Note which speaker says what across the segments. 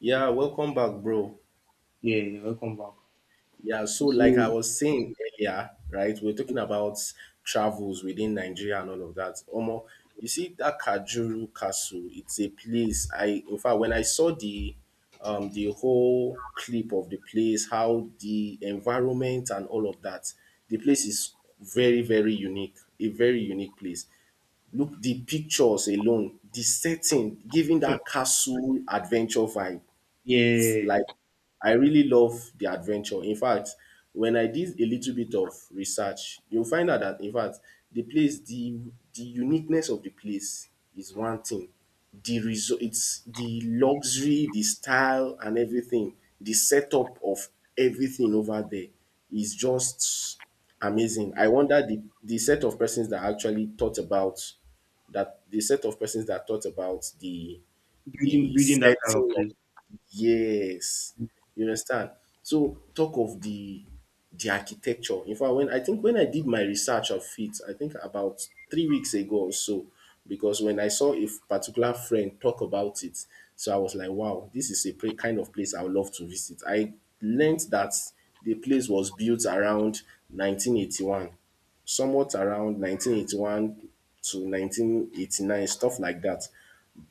Speaker 1: Yeah, welcome back, bro.
Speaker 2: Yeah, you're welcome back.
Speaker 1: Yeah, so like I
Speaker 2: So
Speaker 1: was saying earlier, right, we're talking about travels within Nigeria and all of that. Omo, you see that Kajuru Castle, it's a place I in fact when I saw the whole clip of the place, how the environment and all of that, the place is very, very unique, a very unique place. Look the pictures alone, the setting giving
Speaker 2: hmm,
Speaker 1: that castle adventure vibe
Speaker 2: yeah,
Speaker 1: like I really love the adventure. In fact, when I did a little bit of research, you'll find out that in fact the place, the uniqueness of the place is one thing. The result, it's the luxury, the style, and everything. The setup of everything over there is just amazing. I wonder the set of persons that actually thought about that, the set of persons that thought about
Speaker 2: building
Speaker 1: the
Speaker 2: building that kind of
Speaker 1: setting of.
Speaker 2: place.
Speaker 1: Yes, you understand. So talk of the architecture. In fact, when I did my research of it, I think about 3 weeks ago or so, because when I saw a particular friend talk about it, so I was like, wow, this is a kind of place I would love to visit. I learned that the place was built around 1981, somewhat around 1981 to 1989, stuff like that.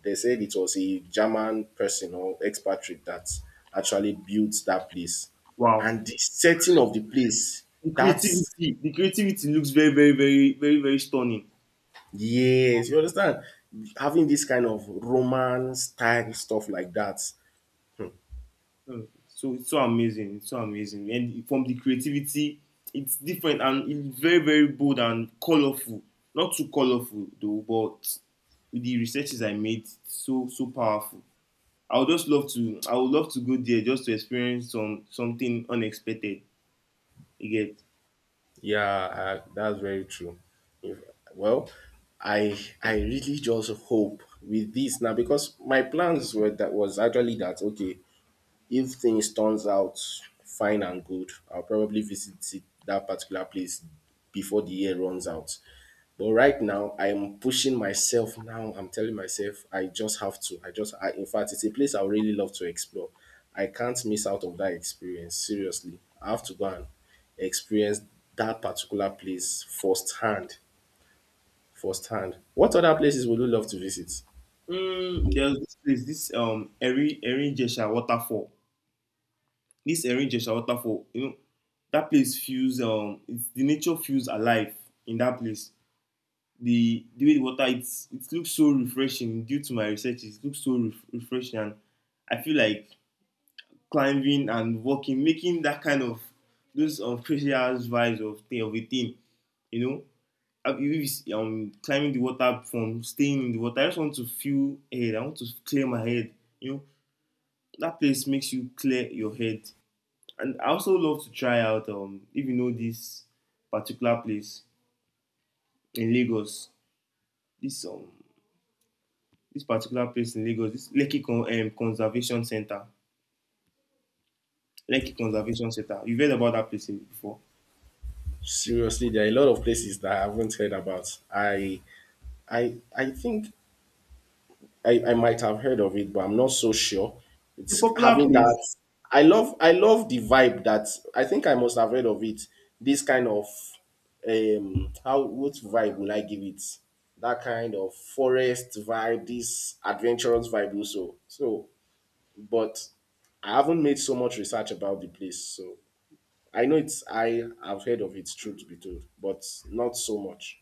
Speaker 1: They said it was a German person or expatriate that actually built that place.
Speaker 2: Wow.
Speaker 1: And the setting of the place, that's,
Speaker 2: The creativity looks very, very, very, very, very stunning.
Speaker 1: yes, you understand? Having this kind of Roman style stuff like that.
Speaker 2: Hmm, So it's so amazing. It's so amazing. And from the creativity, it's different and it's very, very bold and colorful. Not too colorful though, but with the researches I made, it's so powerful. I would love to go there just to experience something unexpected. You get
Speaker 1: Yeah, that's very true. If, well, I really just hope with this now, because my plans were that was actually that, okay, if things turns out fine and good, I'll probably visit it, that particular place, before the year runs out. But right now, I am pushing myself now. I'm telling myself I just have to. I just, I, in fact, it's a place I would really love to explore. I can't miss out on that experience. Seriously, I have to go and experience that particular place firsthand. Firsthand. What other places would you love to visit?
Speaker 2: There's this place, this Erinjesha waterfall. This Erinjesha waterfall, you know, that place feels it's the nature feels alive in that place. The way the water, it looks so refreshing due to my research, it looks so refreshing. And I feel like climbing and walking, making that kind of those crazy ass vibes of thing of a thing, you know. If it's climbing the water from staying in the water, I just want to feel ahead. I want to clear my head, you know that place makes you clear your head. And I also love to try out if you know this particular place in Lagos. This um this particular place in Lagos, this Conservation Center. Lekki Conservation Center. You've heard about that before.
Speaker 1: Seriously, there are a lot of places that I haven't heard about. I think I might have heard of it, but I'm not so sure.
Speaker 2: It's a
Speaker 1: It's
Speaker 2: popular
Speaker 1: having
Speaker 2: place.
Speaker 1: that. I love the vibe that I think I must have heard of it. This kind of how, what vibe will I give it? That kind of forest vibe, this adventurous vibe also. So, but I haven't made so much research about the place. So I know it's I have heard of it, truth be told, but not so much.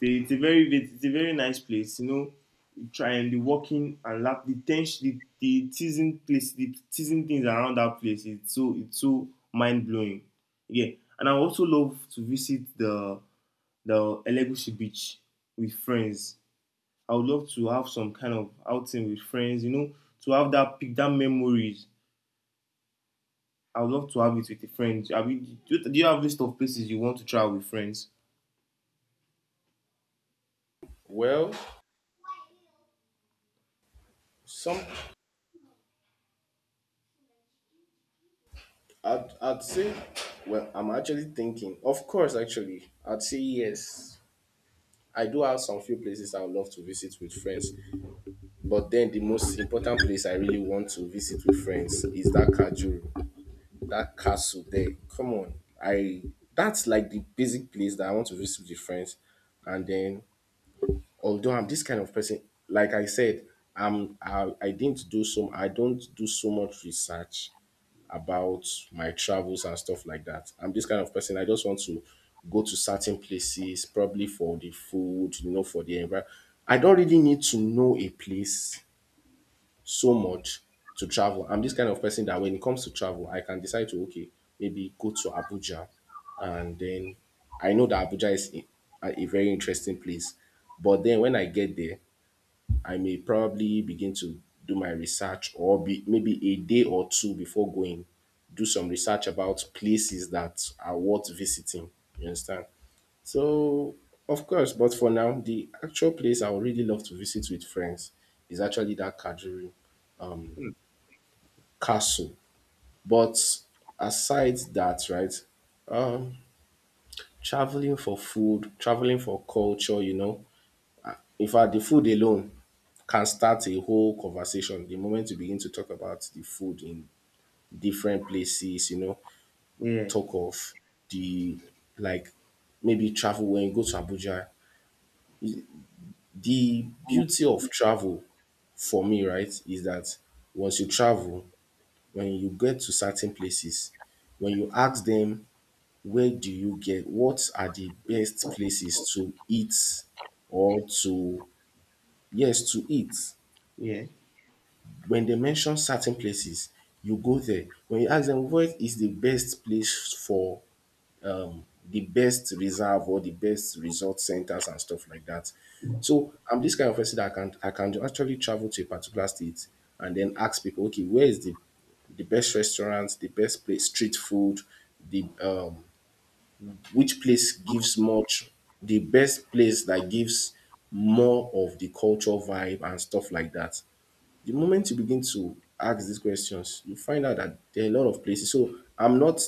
Speaker 2: It's a very it's a very nice place, you know. You try and the walking and lap the tension the teasing place the teasing things around that place it's so mind blowing. Yeah. And I also love to visit the Elegushi beach with friends. I would love to have some kind of outing with friends, you know, to have that pick that memories. I would love to have it with a friend. Do you have a list of places you want to travel with friends?
Speaker 1: Well, some I'd say, well, I'm actually thinking, of course, actually, I'd say yes. I do have some few places I would love to visit with friends, but then the most important place I really want to visit with friends is that Kajuru, that castle there. Come on, I that's like the basic place that I want to visit with friends. And then, although I'm this kind of person, like I said, I didn't do some I don't do so much research about my travels and stuff like that. I'm this kind of person. I just want to go to certain places, probably for the food, you know, for the environment. I don't really need to know a place so much to travel. I'm this kind of person that when it comes to travel, I can decide to, okay, maybe go to Abuja, and then I know that Abuja is a very interesting place. But then when I get there, I may probably begin to do my research, or be, maybe a day or two before going, do some research about places that are worth visiting. You understand? So, of course, but for now, the actual place I would really love to visit with friends is actually that Kajuru
Speaker 2: Mm.
Speaker 1: castle. But aside that, right, um, traveling for food, traveling for culture, you know, in fact, the food alone can start a whole conversation the moment you begin to talk about the food in different places, you know,
Speaker 2: Yeah,
Speaker 1: talk of the like maybe travel when you go to Abuja. The beauty of travel for me, right, is that once you travel, when you get to certain places, when you ask them where do you get what are the best places to eat or to, yes, to eat,
Speaker 2: yeah.
Speaker 1: when they mention certain places, you go there. When you ask them what is the best place for the best reserve or the best resort centers and stuff like that. So I'm this kind of person that I can actually travel to a particular state and then ask people, okay, where is the best restaurants, the best place, street food, the which place gives much, the best place that gives more of the culture vibe and stuff like that. The moment you begin to ask these questions, you find out that there are a lot of places. So I'm not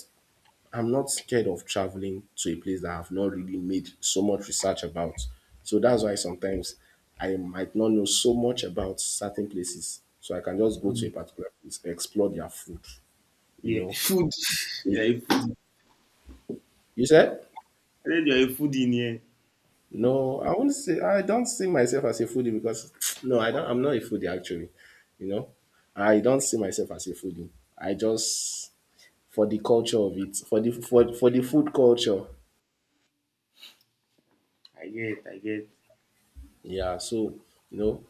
Speaker 1: I'm not scared of traveling to a place that I've not really made so much research about. So that's why sometimes I might not know so much about certain places. So I can just go to
Speaker 2: Mm,
Speaker 1: a particular place, explore their food, you
Speaker 2: yeah.
Speaker 1: know.
Speaker 2: Food, yeah,
Speaker 1: You
Speaker 2: a food.
Speaker 1: you said?
Speaker 2: I think you're a foodie in here.
Speaker 1: No, I won't say I don't see myself as a foodie because no, I'm not a foodie actually. You know? I don't see myself as a foodie. I just for the culture of it, for the for the food culture.
Speaker 2: I get, I get.
Speaker 1: Yeah, so you know,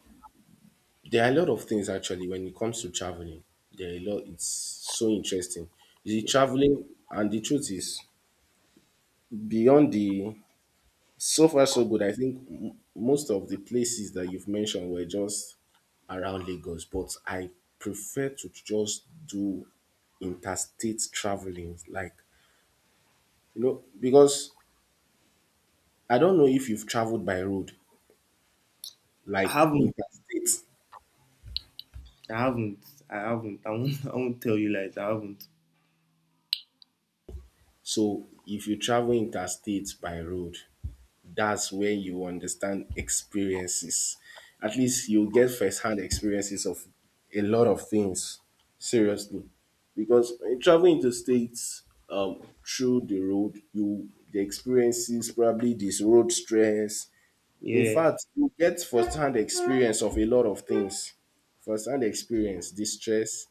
Speaker 1: there are a lot of things actually when it comes to traveling. There are a lot. It's so interesting. The
Speaker 2: Yeah.
Speaker 1: traveling and the truth is beyond the so far so good. I think most of the places that you've mentioned were just around Lagos, but I prefer to just do interstate traveling, like you know, because I don't know if you've traveled by road,
Speaker 2: I
Speaker 1: like
Speaker 2: haven't,
Speaker 1: interstate.
Speaker 2: I haven't, I haven't. I won't, I won't tell you lies. I haven't.
Speaker 1: So if you travel interstate by road, that's where you understand experiences. At least you get first hand experiences of a lot of things. Seriously. Because when you travel interstate through the road, you the experiences, probably this road stress. In
Speaker 2: Yeah.
Speaker 1: fact, you get first hand experience of a lot of things. First hand experience, distress,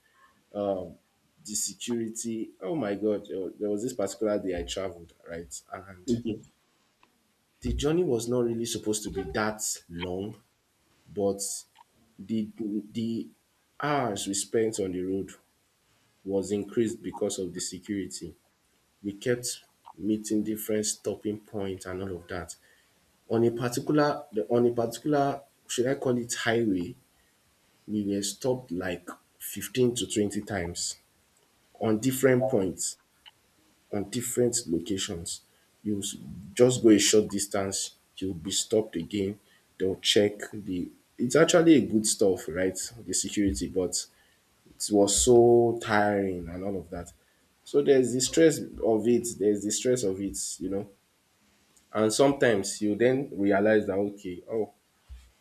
Speaker 1: um the security. Oh my God, there was this particular day I traveled, right? And
Speaker 2: Okay.
Speaker 1: the journey was not really supposed to be that long, but the the hours we spent on the road was increased because of the security. We kept meeting different stopping points and all of that. On a particular, on a particular, should I call it highway, we were stopped like 15 to 20 times on different points, on different locations. You just go a short distance, you'll be stopped again. They'll check the. It's actually a good stuff, right? The security, but it was so tiring and all of that. So there's the stress of it. There's the stress of it, you know. And sometimes you then realize that, okay, oh,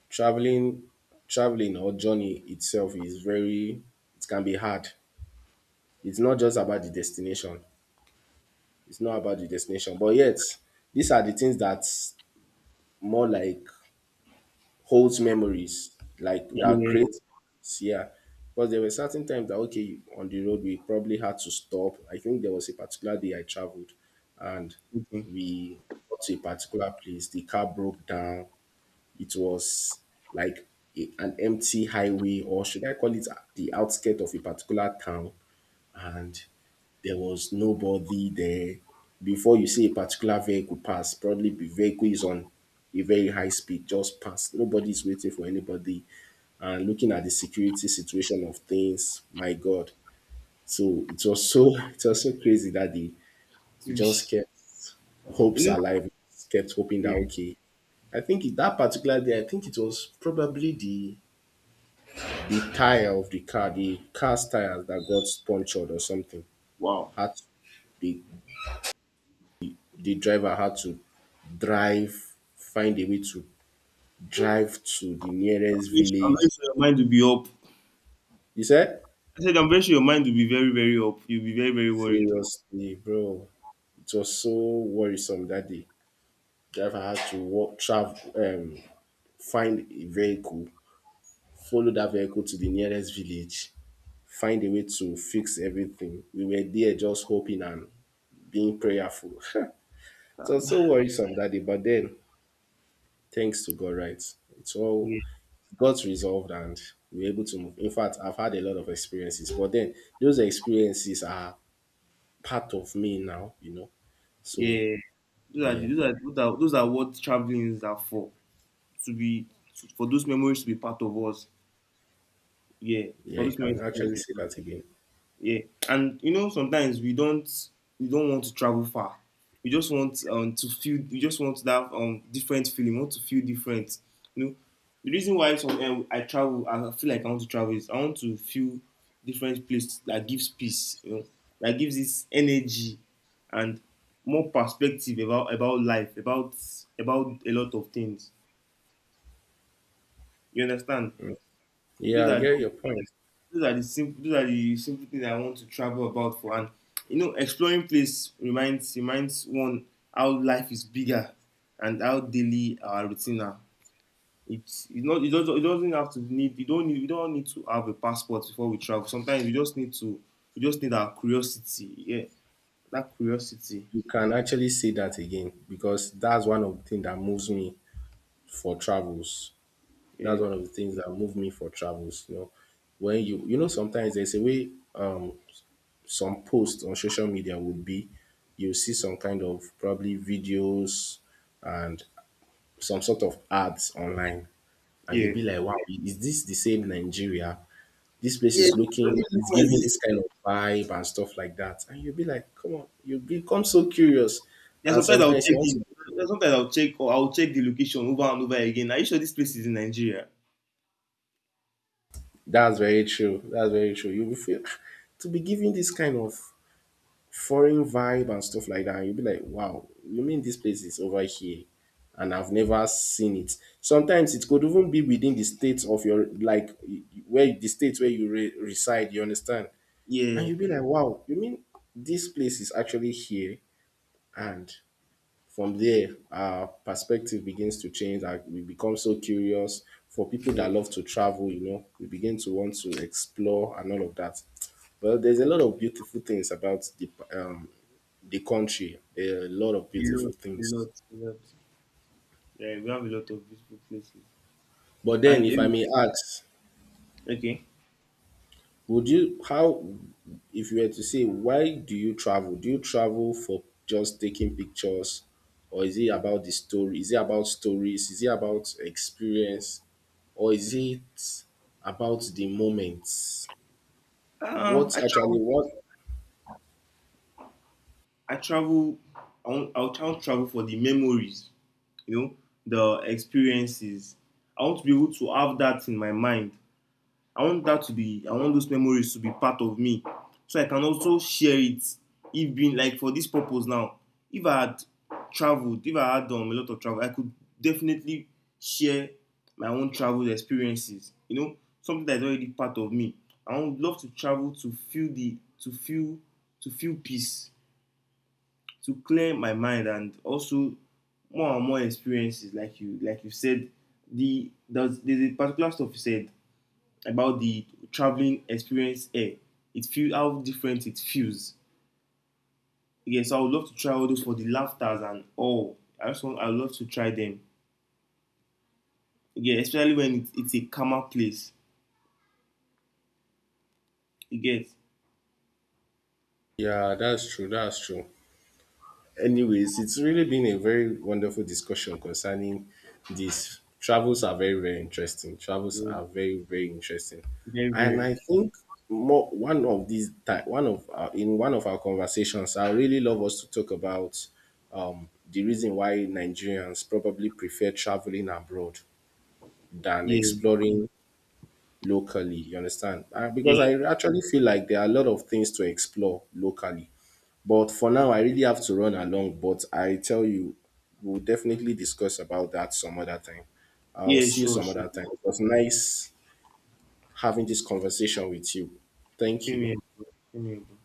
Speaker 1: traveling, traveling or journey itself is very. It can be hard. It's not just about the destination. It's not about the destination. But yet, these are the things that more like holds memories, like
Speaker 2: Yeah,
Speaker 1: that create
Speaker 2: yeah,
Speaker 1: yeah. Because there were certain times that okay, on the road we probably had to stop. I think there was a particular day I traveled and
Speaker 2: yeah. Okay.
Speaker 1: we got to a particular place, the car broke down. It was like a, an empty highway, or should I call it the outskirt of a particular town? And there was nobody there. Before you see a particular vehicle pass, probably the vehicle is on a very high speed, just pass. Nobody's waiting for anybody. And looking at the security situation of things, my God. So it was so it was so crazy that day. We just kept
Speaker 2: You
Speaker 1: hopes
Speaker 2: know.
Speaker 1: alive, kept hoping that
Speaker 2: Yeah.
Speaker 1: okay. I think that particular day, I think it was probably the tire of the car, the car's tires that got punctured or something.
Speaker 2: Wow.
Speaker 1: Had they the driver had to drive, find a way to drive to the nearest
Speaker 2: I'm very
Speaker 1: village.
Speaker 2: sure your mind will be up.
Speaker 1: You said?
Speaker 2: I said, I'm very sure your mind will be very, very up. You'll be very, very worried.
Speaker 1: Seriously, bro. It was so worrisome that day. Driver had to walk, travel, find a vehicle, follow that vehicle to the nearest village, find a way to fix everything. We were there just hoping and being prayerful. It was
Speaker 2: Uh,
Speaker 1: so worrisome that day, but then thanks to God, right? It's all
Speaker 2: yeah,
Speaker 1: got resolved and we were able to move. In fact, I've had a lot of experiences, but then those experiences are part of me now, you know. So
Speaker 2: yeah. Those are,
Speaker 1: yeah,
Speaker 2: those are what traveling is are for. To be to, for those memories to be part of us. Yeah,
Speaker 1: yeah,
Speaker 2: for
Speaker 1: you
Speaker 2: those
Speaker 1: can
Speaker 2: memories to be part
Speaker 1: actually say
Speaker 2: of us.
Speaker 1: that again.
Speaker 2: Yeah, and you know sometimes we don't want to travel far. We just want to feel. We just want that different feeling. We want to feel different. You know, the reason why some eh, I travel, I feel like I want to travel is I want to feel different place that gives peace. You know, that gives this energy and more perspective about life, about a lot of things. You understand?
Speaker 1: Yeah,
Speaker 2: Those
Speaker 1: I
Speaker 2: are
Speaker 1: get your point.
Speaker 2: those are the simple those are the simple things I want to travel about for. And you know exploring place reminds one how life is bigger and how daily our routine are. It doesn't have to need you don't need we don't need to have a passport before we travel. Sometimes we just need our curiosity. Yeah. That curiosity.
Speaker 1: You can actually say that again because that's one of the things that moves me for travels. That's
Speaker 2: Yeah.
Speaker 1: one of the things that move me for travels. You know, when you know sometimes there's a way some posts on social media would be you see some kind of probably videos and some sort of ads online, and you'll
Speaker 2: Yeah.
Speaker 1: be like, wow, is this the same Nigeria? This place
Speaker 2: Yeah,
Speaker 1: is
Speaker 2: it
Speaker 1: looking, it's
Speaker 2: does
Speaker 1: giving
Speaker 2: exist.
Speaker 1: this kind of vibe and stuff like that. And you'll be like, come on, you become so curious.
Speaker 2: Yeah,
Speaker 1: And
Speaker 2: sometimes I'll
Speaker 1: sometimes you
Speaker 2: check
Speaker 1: want
Speaker 2: the
Speaker 1: to,
Speaker 2: yeah, sometimes I'll check the location over and over again. Are you sure this place is in Nigeria?
Speaker 1: that's very true. That's very true. You'll be feel, to be giving this kind of foreign vibe and stuff like that. And you'll be like, wow, you mean this place is over here? And I've never seen it. Sometimes it could even be within the state of your, like, where the state where you reside, you understand? And
Speaker 2: Yeah.
Speaker 1: you'll be like, wow, you mean this place is actually here? And from there, our perspective begins to change. Like we become so curious. For people that
Speaker 2: Yeah.
Speaker 1: love to travel, you know, we begin to want to explore and all of that. Well, there's a lot of beautiful things about the country. There are a lot of
Speaker 2: A
Speaker 1: beautiful
Speaker 2: lot, a
Speaker 1: things.
Speaker 2: lot, a lot. Yeah, we have a lot of beautiful places.
Speaker 1: But then,
Speaker 2: And
Speaker 1: if I may ask,
Speaker 2: okay,
Speaker 1: would you, how, if you were to say, why do you travel? Do you travel for just taking pictures, or is it about the story? Is it about stories? Is it about experience, or is it about the moments? What
Speaker 2: I
Speaker 1: actually,
Speaker 2: travel.
Speaker 1: what?
Speaker 2: I travel. I want to travel for the memories. You know, the experiences. I want to be able to have that in my mind. I want those memories to be part of me. So I can also share it. If being like for this purpose now, if I had traveled, if I had done a lot of travel, I could definitely share my own travel experiences. You know, something that's already part of me. I would love to travel to feel to feel peace, to clear my mind and also more and more experiences like you said there's a particular stuff you said about the traveling experience air. It feels how different it feels. Yes, yeah, so I would love to try all those for the laughters and all. I just want I would love to try them. Yeah, especially it's a calmer place. You get
Speaker 1: Yeah, that's true. That's true. Anyways, it's really been a very wonderful discussion concerning this. Travels are very, very interesting. Travels
Speaker 2: yeah.
Speaker 1: are very, very interesting.
Speaker 2: Very
Speaker 1: And
Speaker 2: very
Speaker 1: I think more one of these time, one of our, in one of our conversations, I really love us to talk about the reason why Nigerians probably prefer traveling abroad than
Speaker 2: yeah,
Speaker 1: exploring locally. You understand? Because I
Speaker 2: yeah,
Speaker 1: actually feel like there are a lot of things to explore locally but for now, I really have to run along. But I tell you, we'll definitely discuss about that some other time. I'll
Speaker 2: yeah,
Speaker 1: see you
Speaker 2: sure,
Speaker 1: some
Speaker 2: sure,
Speaker 1: other time.
Speaker 2: sure.
Speaker 1: It was nice having this conversation with you. Thank
Speaker 2: Same
Speaker 1: you.
Speaker 2: here, bro. Same here, bro.